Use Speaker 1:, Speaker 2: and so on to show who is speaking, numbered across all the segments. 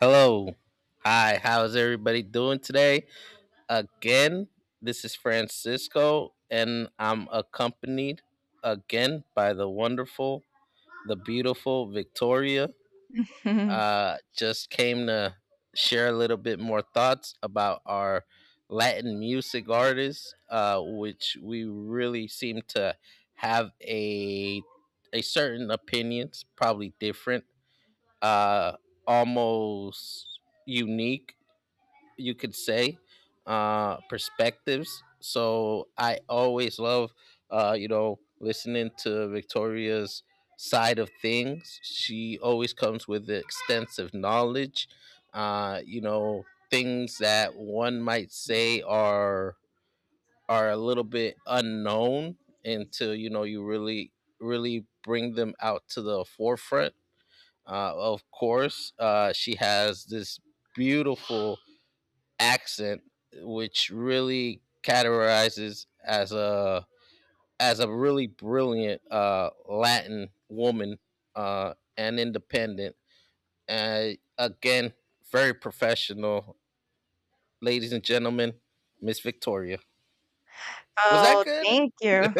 Speaker 1: Hello. Hi. How's everybody doing today? Again, this is Francisco, and I'm accompanied again by the wonderful, the beautiful Victoria. Just came to share a little bit more thoughts about our Latin music artists, which we really seem to have a certain opinions, probably different, uh, almost unique, you could say, perspectives. So I always love listening to Victoria's side of things. She always comes with extensive knowledge, uh you know things that one might say are a little bit unknown until, you really really bring them out to the forefront. Of course, she has this beautiful accent, which really categorizes as a really brilliant, Latin woman, and independent. And again, very professional. Ladies and gentlemen, Miss Victoria. Was that
Speaker 2: Oh,
Speaker 1: good?
Speaker 2: thank you.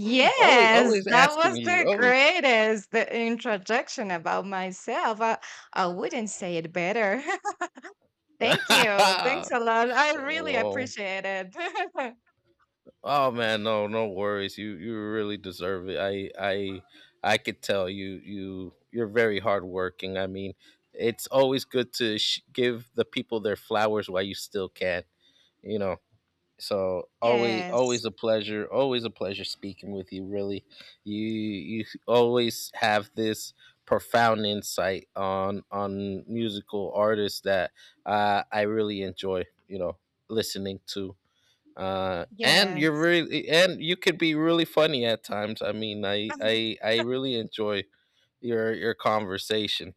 Speaker 1: always always
Speaker 2: that
Speaker 1: asking
Speaker 2: was the
Speaker 1: you.
Speaker 2: greatest the introduction about myself. I wouldn't say it better. Thank you.
Speaker 1: Oh.
Speaker 2: Thanks a lot. I really
Speaker 1: Oh.
Speaker 2: appreciate it.
Speaker 1: Oh man, no, no worries. You really deserve it. I could tell you you're very hardworking. I mean, it's always good to give the people their flowers while you still can. You know, so always
Speaker 2: Yes,
Speaker 1: always a pleasure. Always a pleasure speaking with you. Really, you always have this profound insight on musical artists that I really enjoy. You know, listening to and you're
Speaker 2: yes.
Speaker 1: really, and you could be really funny at times. I mean i i i really enjoy your conversation,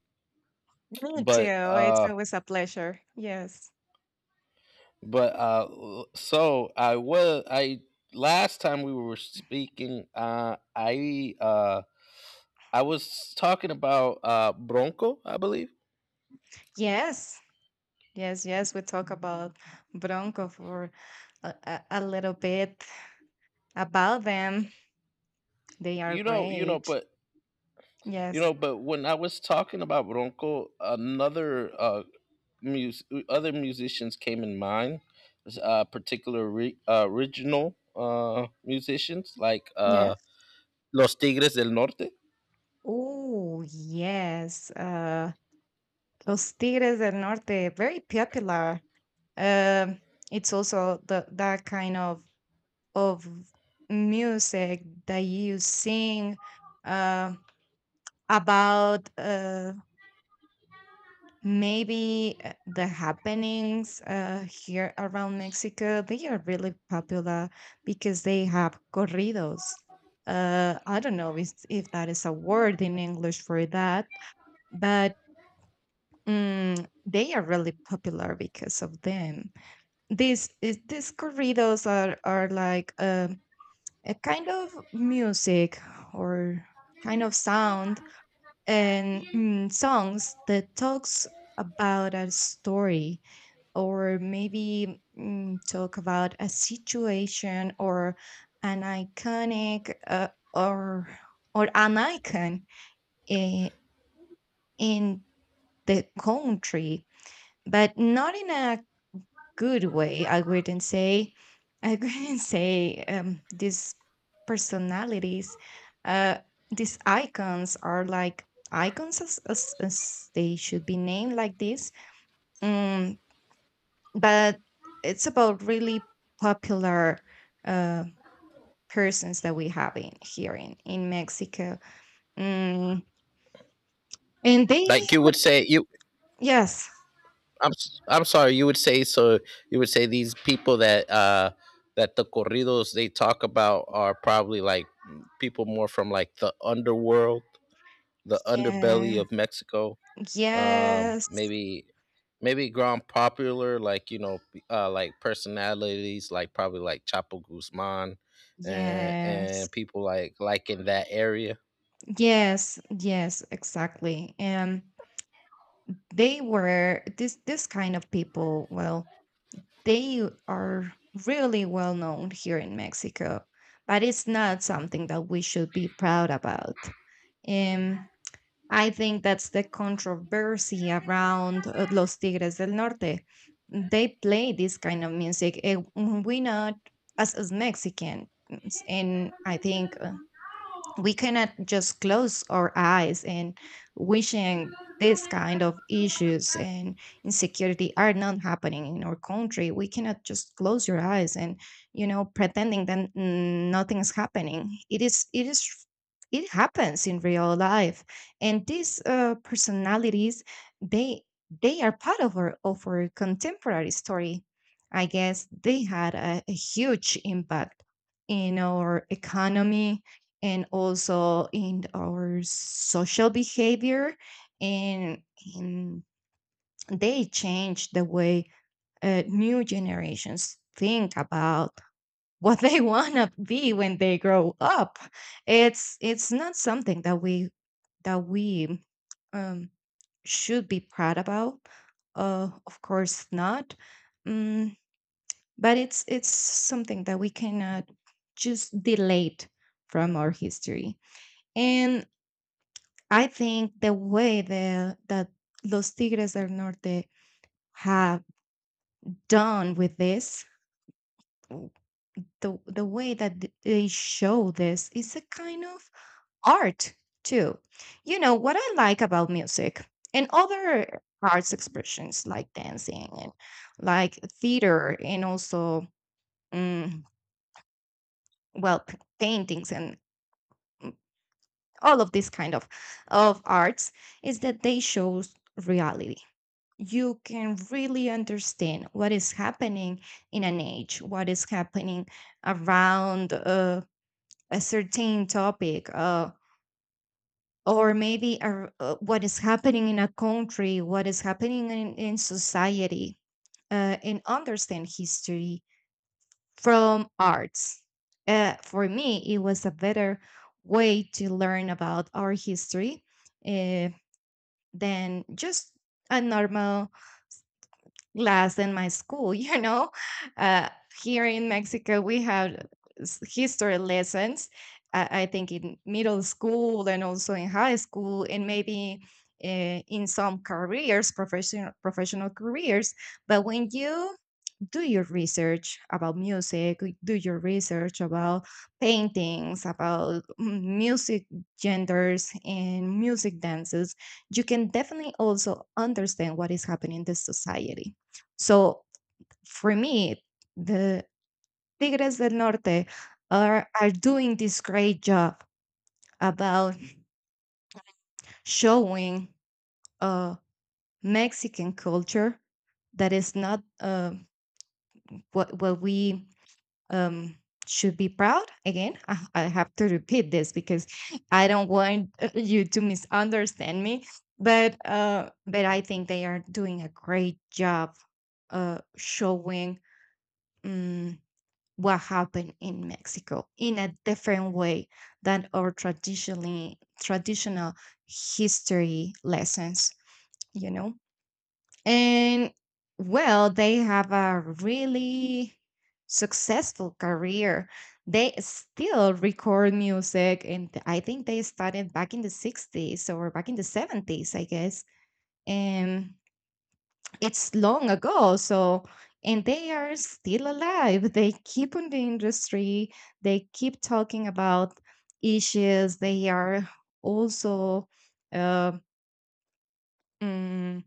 Speaker 2: Me
Speaker 1: but
Speaker 2: too. It's
Speaker 1: uh
Speaker 2: always a pleasure. Yes.
Speaker 1: but so I last time we were speaking. I was talking about Bronco, I believe.
Speaker 2: Yes. Yes, yes. We talk about Bronco for a little bit about them. They are great.
Speaker 1: But
Speaker 2: Yes.
Speaker 1: But when I was talking about Bronco, another other musicians came in mind, particular, original, musicians like,
Speaker 2: Yes.
Speaker 1: Los Tigres del Norte.
Speaker 2: Oh, yes. Los Tigres del Norte, very popular. Um, it's also the that kind of music that you sing uh, about, maybe, the happenings here around Mexico. They are really popular because they have corridos. I don't know if that is a word in English for that, but they are really popular because of them. These corridos are like a kind of music, or kind of sound, and songs that talks about a story, or maybe, talk about a situation or an iconic, or or an icon in, in the country, but not in a good way. I wouldn't say, these personalities, uh, these icons are like icons, as they should be named like this. Um, but it's about really popular, uh, persons that we have in here in Mexico. Mm, and they,
Speaker 1: Like you would say, you
Speaker 2: yes,
Speaker 1: I'm sorry, you would say so. You would say these people that, that the corridos they talk about are probably like people more from like the underworld, the underbelly
Speaker 2: yeah,
Speaker 1: of Mexico.
Speaker 2: yes,
Speaker 1: Maybe grown popular, like, like personalities like probably like Chapo guzman
Speaker 2: yes.
Speaker 1: and people like in that area.
Speaker 2: Yes, yes, exactly. And they were this kind of people. Well, they are really well known here in Mexico, but it's not something that we should be proud about. And I think that's the controversy around, Los Tigres del Norte. They play this kind of music, and we not as Mexican, and I think, we cannot just close our eyes and wishing this kind of issues and insecurity are not happening in our country. We cannot just close your eyes and pretending that, nothing is happening. It happens in real life, and these, personalities, they they are part of our contemporary story. I guess they had a huge impact in our economy and also in our social behavior, and, and they change the way, new generations think about what they want to be when they grow up. It's not something that we um, should be proud about. Of course not. mm, but it's something that we cannot just delete from our history. And I think the way, the that Los Tigres del Norte have done with this, w- the way that they show this is a kind of art too. You know what I like about music and other arts expressions, like dancing and like theater, and also, mm, well, paintings and, mm, all of this kind of arts is that they shows reality. You can really understand what is happening in an age, what is happening around, a certain topic, or maybe what is happening in a country, what is happening in society, and understand history from arts. For me, it was a better way to learn about our history, uh, than just a normal class in my school, uh, Here in Mexico we have history lessons, I think in middle school and also in high school, and maybe, in some careers, professional careers. But when you do your research about music, like, do your research about paintings, about, music genders and music dances, you can definitely also understand what is happening in the society. So for me, the Tigres del Norte are doing this great job about showing, uh, Mexican culture that is not, what, we, um, should be proud. Again, I have to repeat this because I don't want, you to misunderstand me. But I think they are doing a great job, showing, um, what happened in Mexico in a different way than our traditional history lessons. You know. And well, they have a really successful career. They still record music, and I think they started back in the 60s or back in the 70s, I guess. And it's long ago. So, and they are still alive. They keep on the industry, they keep talking about issues. They are also, uh, mm,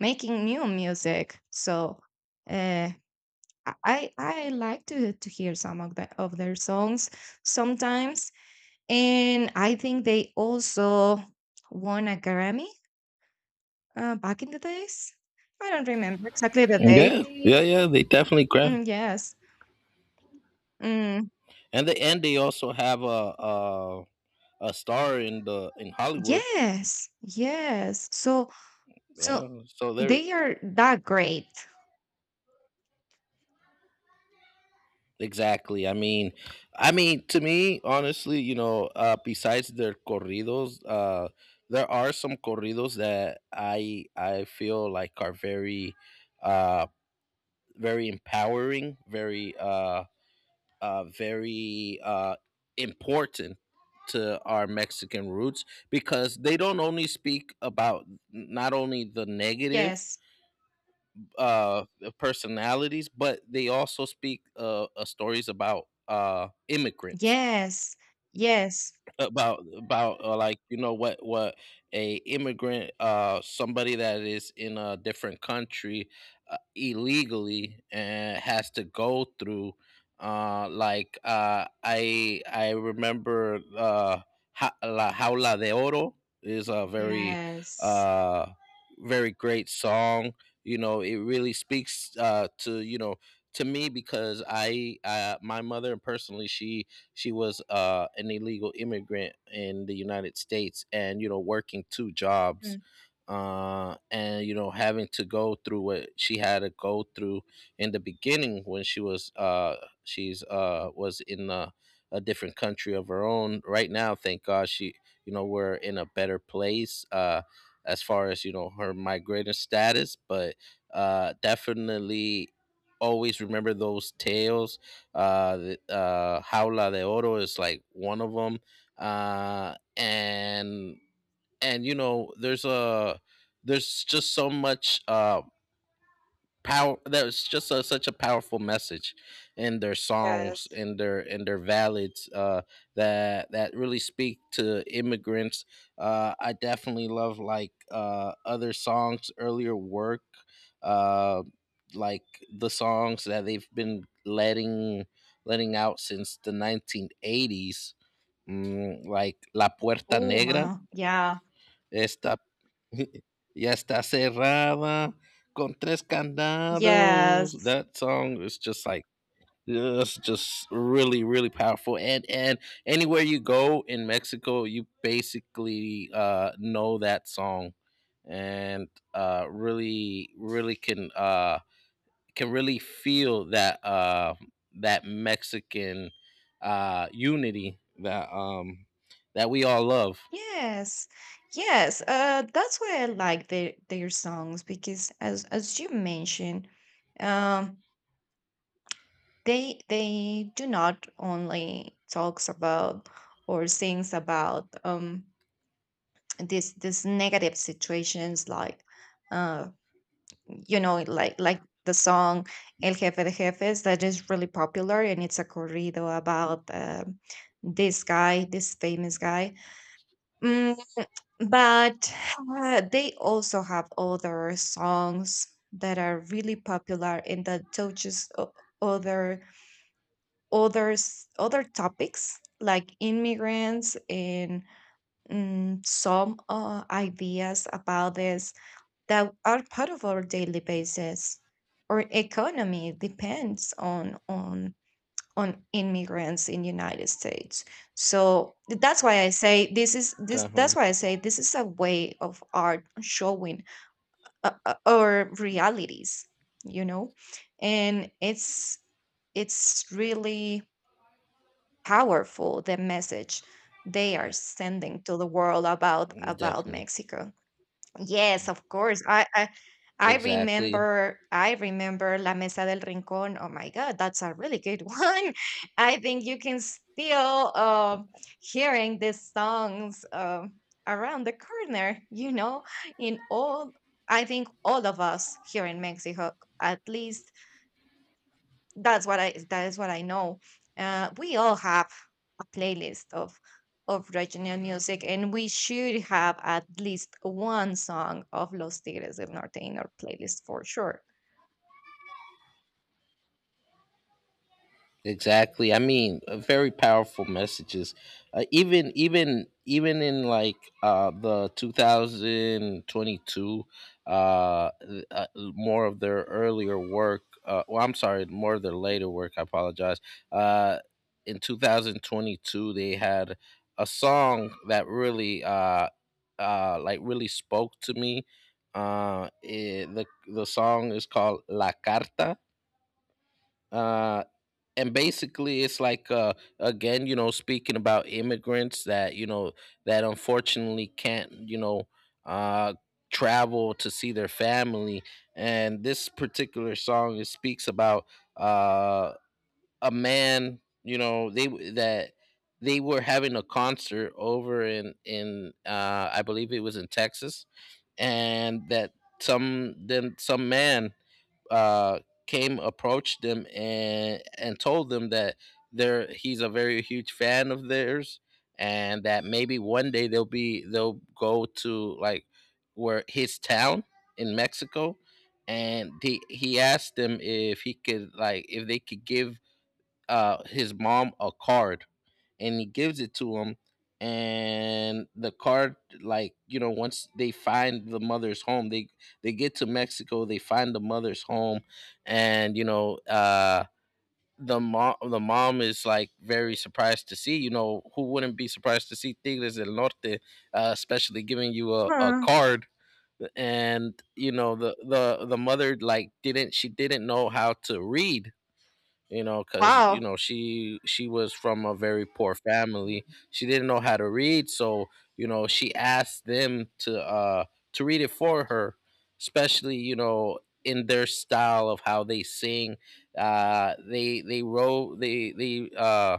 Speaker 2: making new music. So, uh, I I like to hear some of their songs sometimes, and I think they also won a Grammy, back in the days. I don't remember exactly the date.
Speaker 1: Yeah, yeah, yeah, they definitely grab,
Speaker 2: Mm, yes. Mm,
Speaker 1: and they also have a star in the in Hollywood.
Speaker 2: yes, yes. So
Speaker 1: Yeah, so they're
Speaker 2: they are that great.
Speaker 1: exactly. I mean, to me, honestly, you know, besides their corridos, there are some corridos that I feel like are very, uh, very empowering, very, very, important to our Mexican roots, because they don't only speak about, not only the negative,
Speaker 2: Yes,
Speaker 1: uh personalities, but they also speak, stories about immigrants,
Speaker 2: yes, yes,
Speaker 1: about like, you know, what a immigrant, somebody that is in a different country, illegally, and has to go through, like I remember, la jaula de oro is a very,
Speaker 2: yes,
Speaker 1: uh very great song. You know, it really speaks, to, you know, to me, because I my mother personally, she was, an illegal immigrant in the United States, and you know, working two jobs,
Speaker 2: mm,
Speaker 1: and you know, having to go through what she had to go through in the beginning when she was, she's was in a different country of her own. Right now, thank God, she, you know, we're in a better place. As far as you know her migrator status, but definitely always remember those tales. Jaula de Oro is like one of them. Uh, and and you know, there's a, there's just so much power. That was just a, such a powerful message in their songs,
Speaker 2: yes.
Speaker 1: in their ballads, that really speak to immigrants. I definitely love like, other songs, earlier work, uh like the songs that they've been letting out since the 1980s, mm, like la puerta
Speaker 2: Oh
Speaker 1: negra
Speaker 2: my, yeah,
Speaker 1: esta Ya está cerrada con tres candados.
Speaker 2: yes.
Speaker 1: That song is just like, it's just really really powerful, and anywhere you go in Mexico you basically know that song. And really really can, can really feel that, that Mexican, unity that um that we all love.
Speaker 2: Yes, yes. That's why I like their songs because, as you mentioned, um, they do not only talks about or sings about, this negative situations, like, uh like the song El Jefe de Jefes, that is really popular, and it's a corrido about, this famous guy. Mm, But they also have other songs that are really popular and that touches other other topics, like immigrants and, some, ideas about this that are part of our daily basis. Our economy depends on immigrants in United States. So that's why I say this is, this that's
Speaker 1: Definitely.
Speaker 2: why I say this is a way of art showing, our realities, you know? And it's really powerful, the message they are sending to the world about
Speaker 1: Definitely.
Speaker 2: Mexico. Yes, of course. I I
Speaker 1: Exactly.
Speaker 2: remember, I remember La Mesa del Rincón. Oh my God, that's a really good one. I think you can still, hearing these songs, around the corner, you know, in all I think all of us here in Mexico, at least that's what I, that is what I know. We all have a playlist of regional music, and we should have at least one song of Los Tigres del Norte in our playlist for sure.
Speaker 1: Exactly. I mean, very powerful messages. Even in like the 2022, more of their earlier work, well I'm sorry, more of their later work, I apologize. Uh in 2022 they had a song that really, like really spoke to me. Uh it, the the song is called La Carta. Uh and basically it's like, again, you know, speaking about immigrants that, you know, that unfortunately can't, you know, uh travel to see their family. And this particular song, it speaks about uh a man. You know, that they were having a concert over in I believe it was in Texas, and that some, then some man, uh, came, approached them and told them that they're he's a very huge fan of theirs, and that maybe one day they'll be they'll go to like where his town in Mexico. And he asked them if he could like, if they could give his mom a card. And he gives it to him. And the car, like you know, once they find the mother's home, they get to Mexico, they find the mother's home. And you know the mom, is like very surprised to see, you know, who wouldn't be surprised to see Tigres del Norte, especially giving you a
Speaker 2: Huh.
Speaker 1: card. And you know, the mother like, didn't she didn't know how to read, you know, because, you
Speaker 2: Wow.
Speaker 1: know, she was from a very poor family. She didn't know how to read, so, you know, she asked them to, to read it for her, especially, you know, in their style of how they sing. uh they they wrote they they uh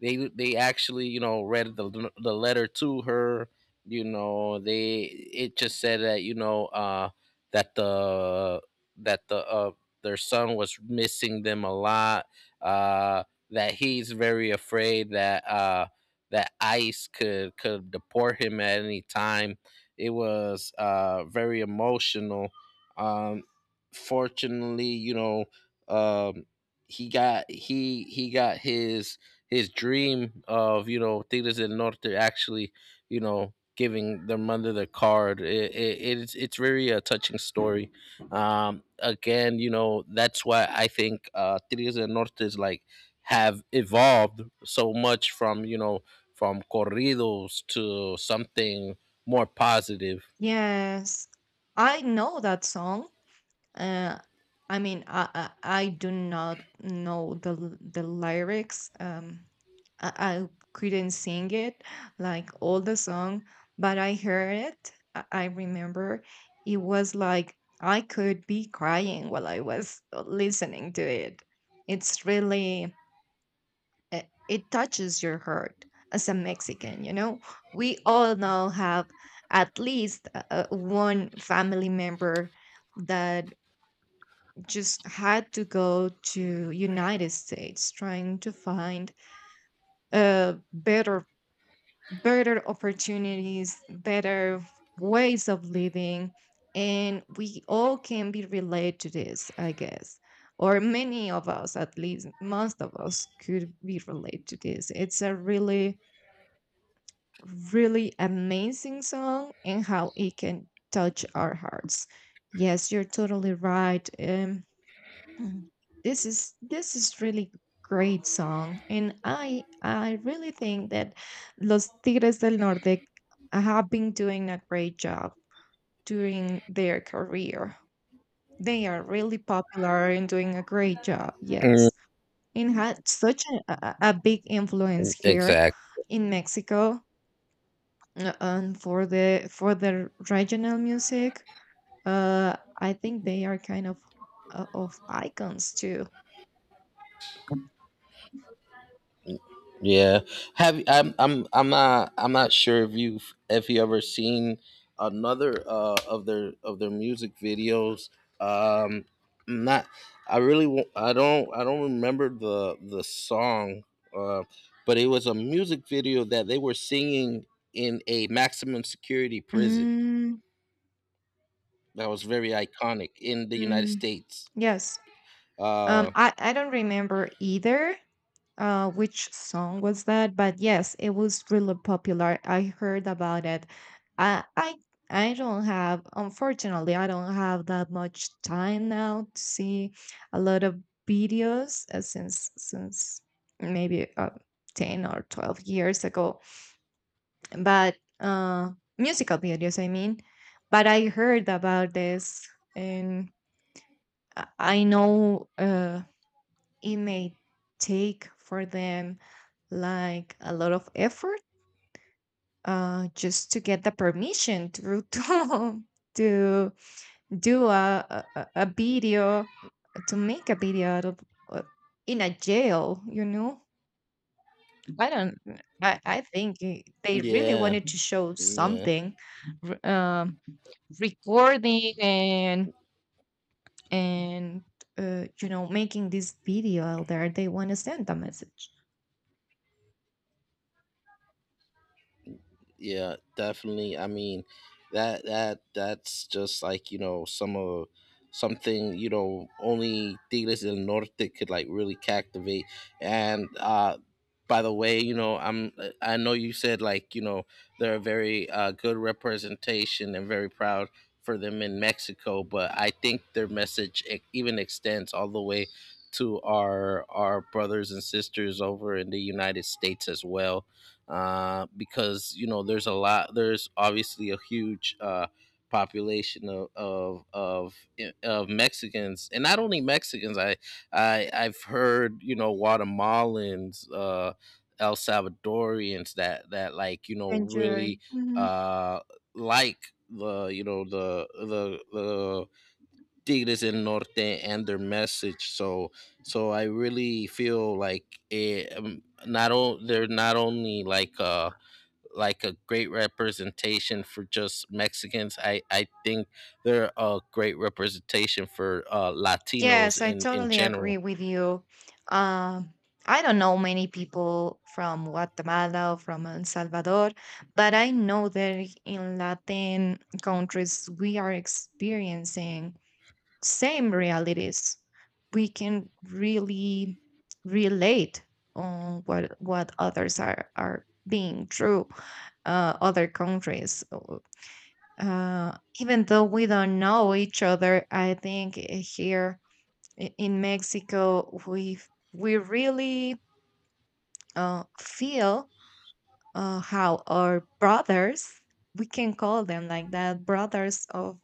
Speaker 1: they actually, you know, read the letter to her. You know, they it just said that, you know, that the, that the uh their son was missing them a lot. Uh that he's very afraid that, that ICE could deport him at any time. It was very emotional. Um Fortunately, you know, um he got, he got his dream of, you know, Tigres del Norte actually, you know, giving their mother the card. It's very a touching story. Again, you know, that's why I think, Tigres del Norte is like, have evolved so much from, you know, from corridos to something more positive.
Speaker 2: Yes. I know that song. Uh, I mean, I I do not know the the lyrics. I, I couldn't sing it like all the song, but I heard it. I remember it was like, I could be crying while I was listening to it. It's really, it touches your heart as a Mexican, you know? We all now have at least, one family member that just had to go to United States trying to find, uh, better better opportunities, better ways of living, and we all can be related to this, I guess. Or many of us, at least most of us, could be related to this. It's a really, really amazing song and how it can touch our hearts. Yes, you're totally right. Mm, this is really great song, and I really think that Los Tigres del Norte have been doing a great job during their career. They are really popular and doing a great job.
Speaker 1: Mm,
Speaker 2: Yes, and had such a big influence here
Speaker 1: exactly.
Speaker 2: in Mexico, and for the, for the regional music, I think they are kind of, of icons too.
Speaker 1: Yeah. Have, I'm not sure if you, if you ever seen another, of their, of their music videos. Um I'm not I really I don't remember the song, uh but it was a music video that they were singing in a maximum security prison
Speaker 2: Mm,
Speaker 1: that was very iconic in the United
Speaker 2: mm,
Speaker 1: States.
Speaker 2: yes.
Speaker 1: Uh
Speaker 2: I don't remember either which song was that, but yes, it was really popular, I heard about it. I i i don't have unfortunately i don't have that much time now to see a lot of videos, since, maybe, 10 or 12 years ago, but, musical videos, I mean, but I heard about this, and I know, it may take for them like a lot of effort, just to get the permission through, Tom, to do a video, to make a video out of uh, in a jail, you know? I don't, I think they really
Speaker 1: yeah,
Speaker 2: wanted to show
Speaker 1: yeah.
Speaker 2: something, r- um, recording and making this video out there. They want to send a message.
Speaker 1: Yeah, definitely, I mean, that's just like, you know, some of, something, you know, only Tigres del Norte could like really captivate. And by the way, you know, I know you said like, you know, they're a very, good representation and very proud for them in Mexico. But I think their message, even extends all the way to our brothers and sisters over in the United States as well, because you know there's a lot, there's obviously a huge, population of of, of Mexicans. And not only Mexicans, I I've heard, you know, Guatemalans, El Salvadorians that like, you know,
Speaker 2: Enjoy.
Speaker 1: really, uh, like the, you know, the Tigres del Norte and their message. So I really feel like it not o- they're not only like, like a great representation for just Mexicans. I think they're a great representation for, Latinos
Speaker 2: Yes, I
Speaker 1: in
Speaker 2: totally
Speaker 1: general.
Speaker 2: agree with you. Um, I don't know many people from Guatemala or from El Salvador, but I know that in Latin countries we are experiencing same realities. We can really relate on what others are being through, other countries. Even though we don't know each other, I think, here, in Mexico, we really, feel, how our brothers, we can call them like that, brothers of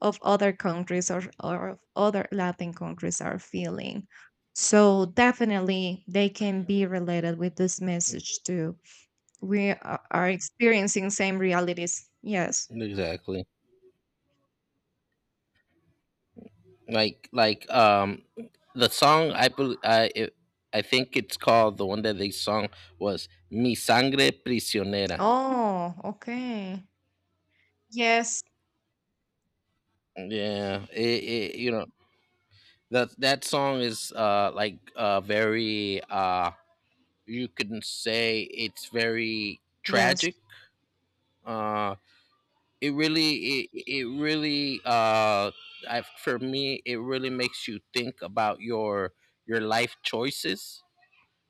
Speaker 2: of other countries or, of other Latin countries are feeling. So definitely, they can be related with this message too. We are experiencing same realities. Yes.
Speaker 1: Exactly. Like the song I think it's called, the one that they sung was Mi Sangre Prisionera.
Speaker 2: Oh, okay. Yes.
Speaker 1: Yeah, it, you know, that that song is, like, very, you can say it's very
Speaker 2: Yes.
Speaker 1: tragic, uh it really, for me, it really makes you think about your life choices,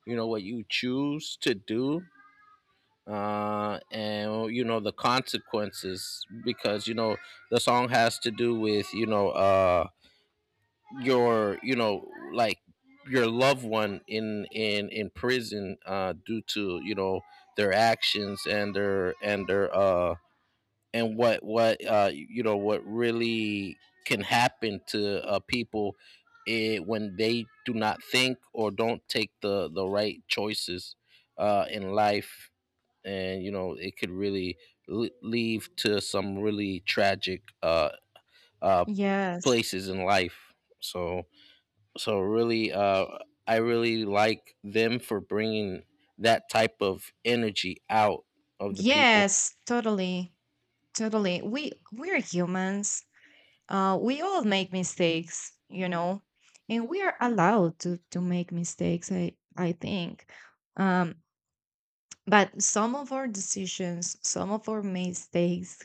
Speaker 1: you know, what you choose to do, and you know the consequences, because you know, the song has to do with, you know, your, you know, like your loved one in prison, due to, you know, their actions, and their, and what, you know, what really can happen to, people, when they do not think or don't take the right choices in life. And you know it could really leave to some really tragic, uh
Speaker 2: Yes.
Speaker 1: places in life. So really, I really like them for bringing that type of energy out of the people.
Speaker 2: Yes, totally. Totally. We we're humans. We all make mistakes, you know, and we are allowed to make mistakes. I think. Um, but some of our decisions, some of our mistakes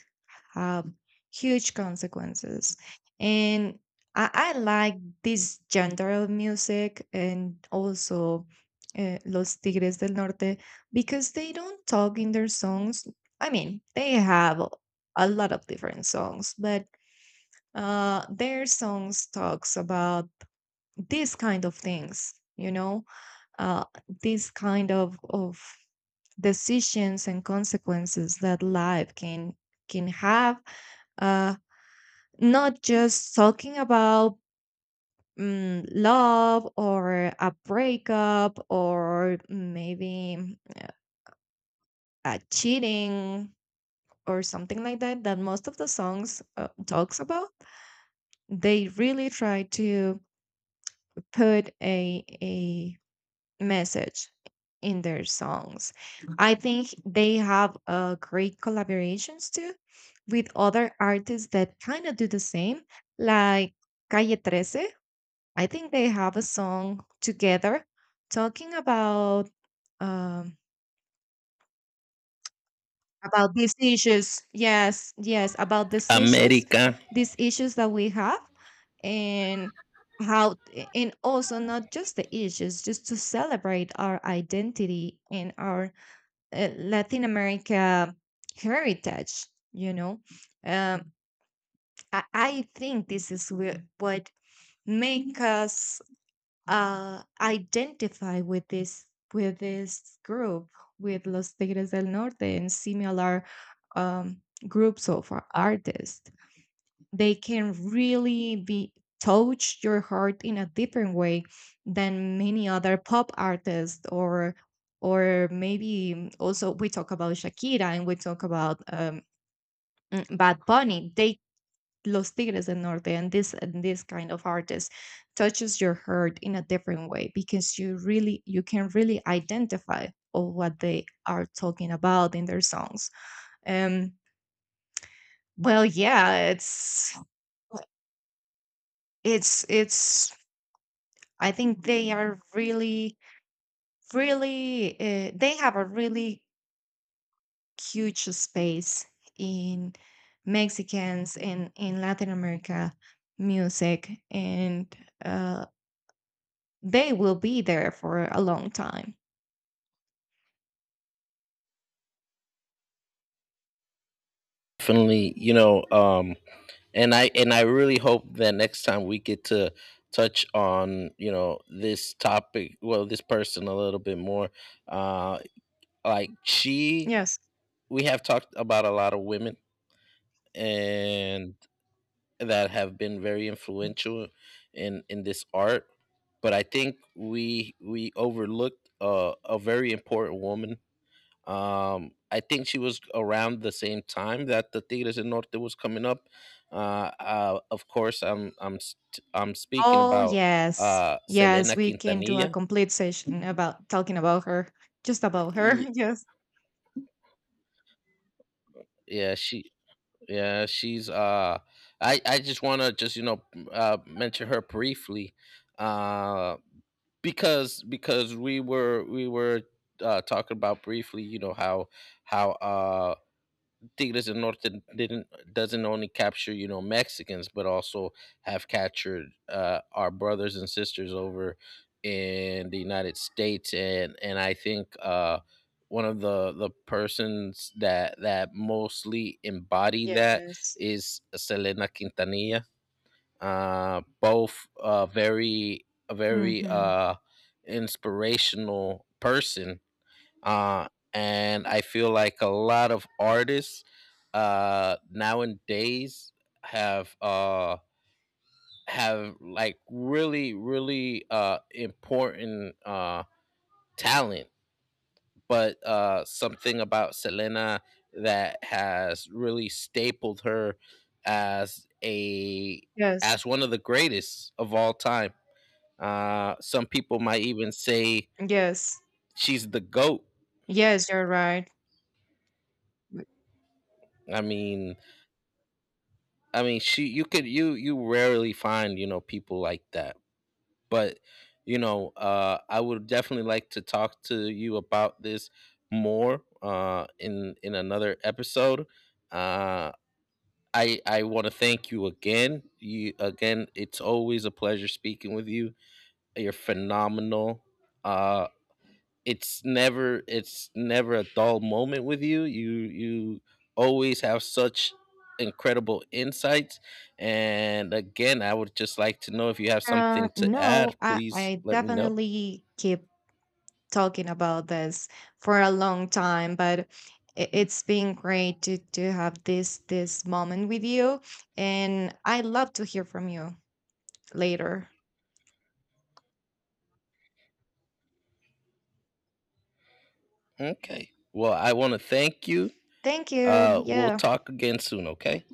Speaker 2: have huge consequences. And I like this genre of music and also, Los Tigres del Norte, because they don't talk in their songs. I mean, they have a lot of different songs, but, their songs talks about these kind of things, you know, uh, these kind of decisions and consequences that life can have, uh, not just talking about, love or a breakup, or maybe, a cheating or something like that, that most of the songs, talks about. They really try to put a message in their songs. I think they have, great collaborations too, with other artists that kind of do the same, like Calle 13. I think they have a song together talking about, um, about these issues. Yes, yes, about
Speaker 1: America,
Speaker 2: these issues that we have, and how, and also not just the issues, just to celebrate our identity and our, Latin America heritage, you know. Um, I think this is what make us, identify with this, group, with Los Tigres del Norte and similar, um, groups of, artists. They can really be, touch your heart in a different way than many other pop artists, or, maybe also we talk about Shakira, and we talk about, Bad Bunny. They, Los Tigres del Norte and this, and this kind of artist, touches your heart in a different way, because you really, you can really identify of what they are talking about in their songs. Um, well, yeah, it's I think they are really, really, they have a really huge space in Mexicans and in Latin America music, and, uh, they will be there for a long time.
Speaker 1: definitely. You know, and I and I really hope that next time we get to touch on, you know, this topic, well, this person a little bit more, uh like she,
Speaker 2: Yes.
Speaker 1: we have talked about a lot of women, and that have been very influential in this art. But I think we, overlooked, a very important woman. I think she was around the same time that the theaters in Norte was coming up. Of course, I'm speaking
Speaker 2: Oh
Speaker 1: about,
Speaker 2: yes. Yes,
Speaker 1: Selena
Speaker 2: we can do a
Speaker 1: Quintanilla.
Speaker 2: complete session about talking about her. Just about her.
Speaker 1: Y-
Speaker 2: Yes.
Speaker 1: Yeah, she yeah, she's, I just want to just, you know, mention her briefly, uh, because we were, talking about briefly, you know, how how uh. Tigres del Norte didn't doesn't only capture, you know, Mexicans, but also have captured, our brothers and sisters over in the United States. And I think, one of the persons that that mostly embody that
Speaker 2: Yes.
Speaker 1: is Selena Quintanilla. Both, very a very,
Speaker 2: Mm-hmm.
Speaker 1: inspirational person, uh, and I feel like a lot of artists, nowadays have, have like really really, important, talent. But, something about Selena that has really stapled her as a,
Speaker 2: Yes.
Speaker 1: as one of the greatest of all time. Some people might even say
Speaker 2: Yes.
Speaker 1: she's the goat.
Speaker 2: Yes, you're right. W-
Speaker 1: I mean, I mean, she, you could, you rarely find, you know, people like that. But you know, I would definitely like to talk to you about this more, in another episode. Uh, I want to thank you again. You again, it's always a pleasure speaking with you. You're phenomenal. Uh, it's never, it's never a dull moment with you. You always have such incredible insights. And again, I would just like to know if you have something to add,
Speaker 2: No, I,
Speaker 1: please
Speaker 2: I
Speaker 1: let me know.
Speaker 2: definitely keep talking about this for a long time, but it's been great to have this moment with you. And I love to hear from you later.
Speaker 1: Okay. Well, I want to thank you.
Speaker 2: Thank you.
Speaker 1: We'll
Speaker 2: Yeah.
Speaker 1: talk again soon, okay?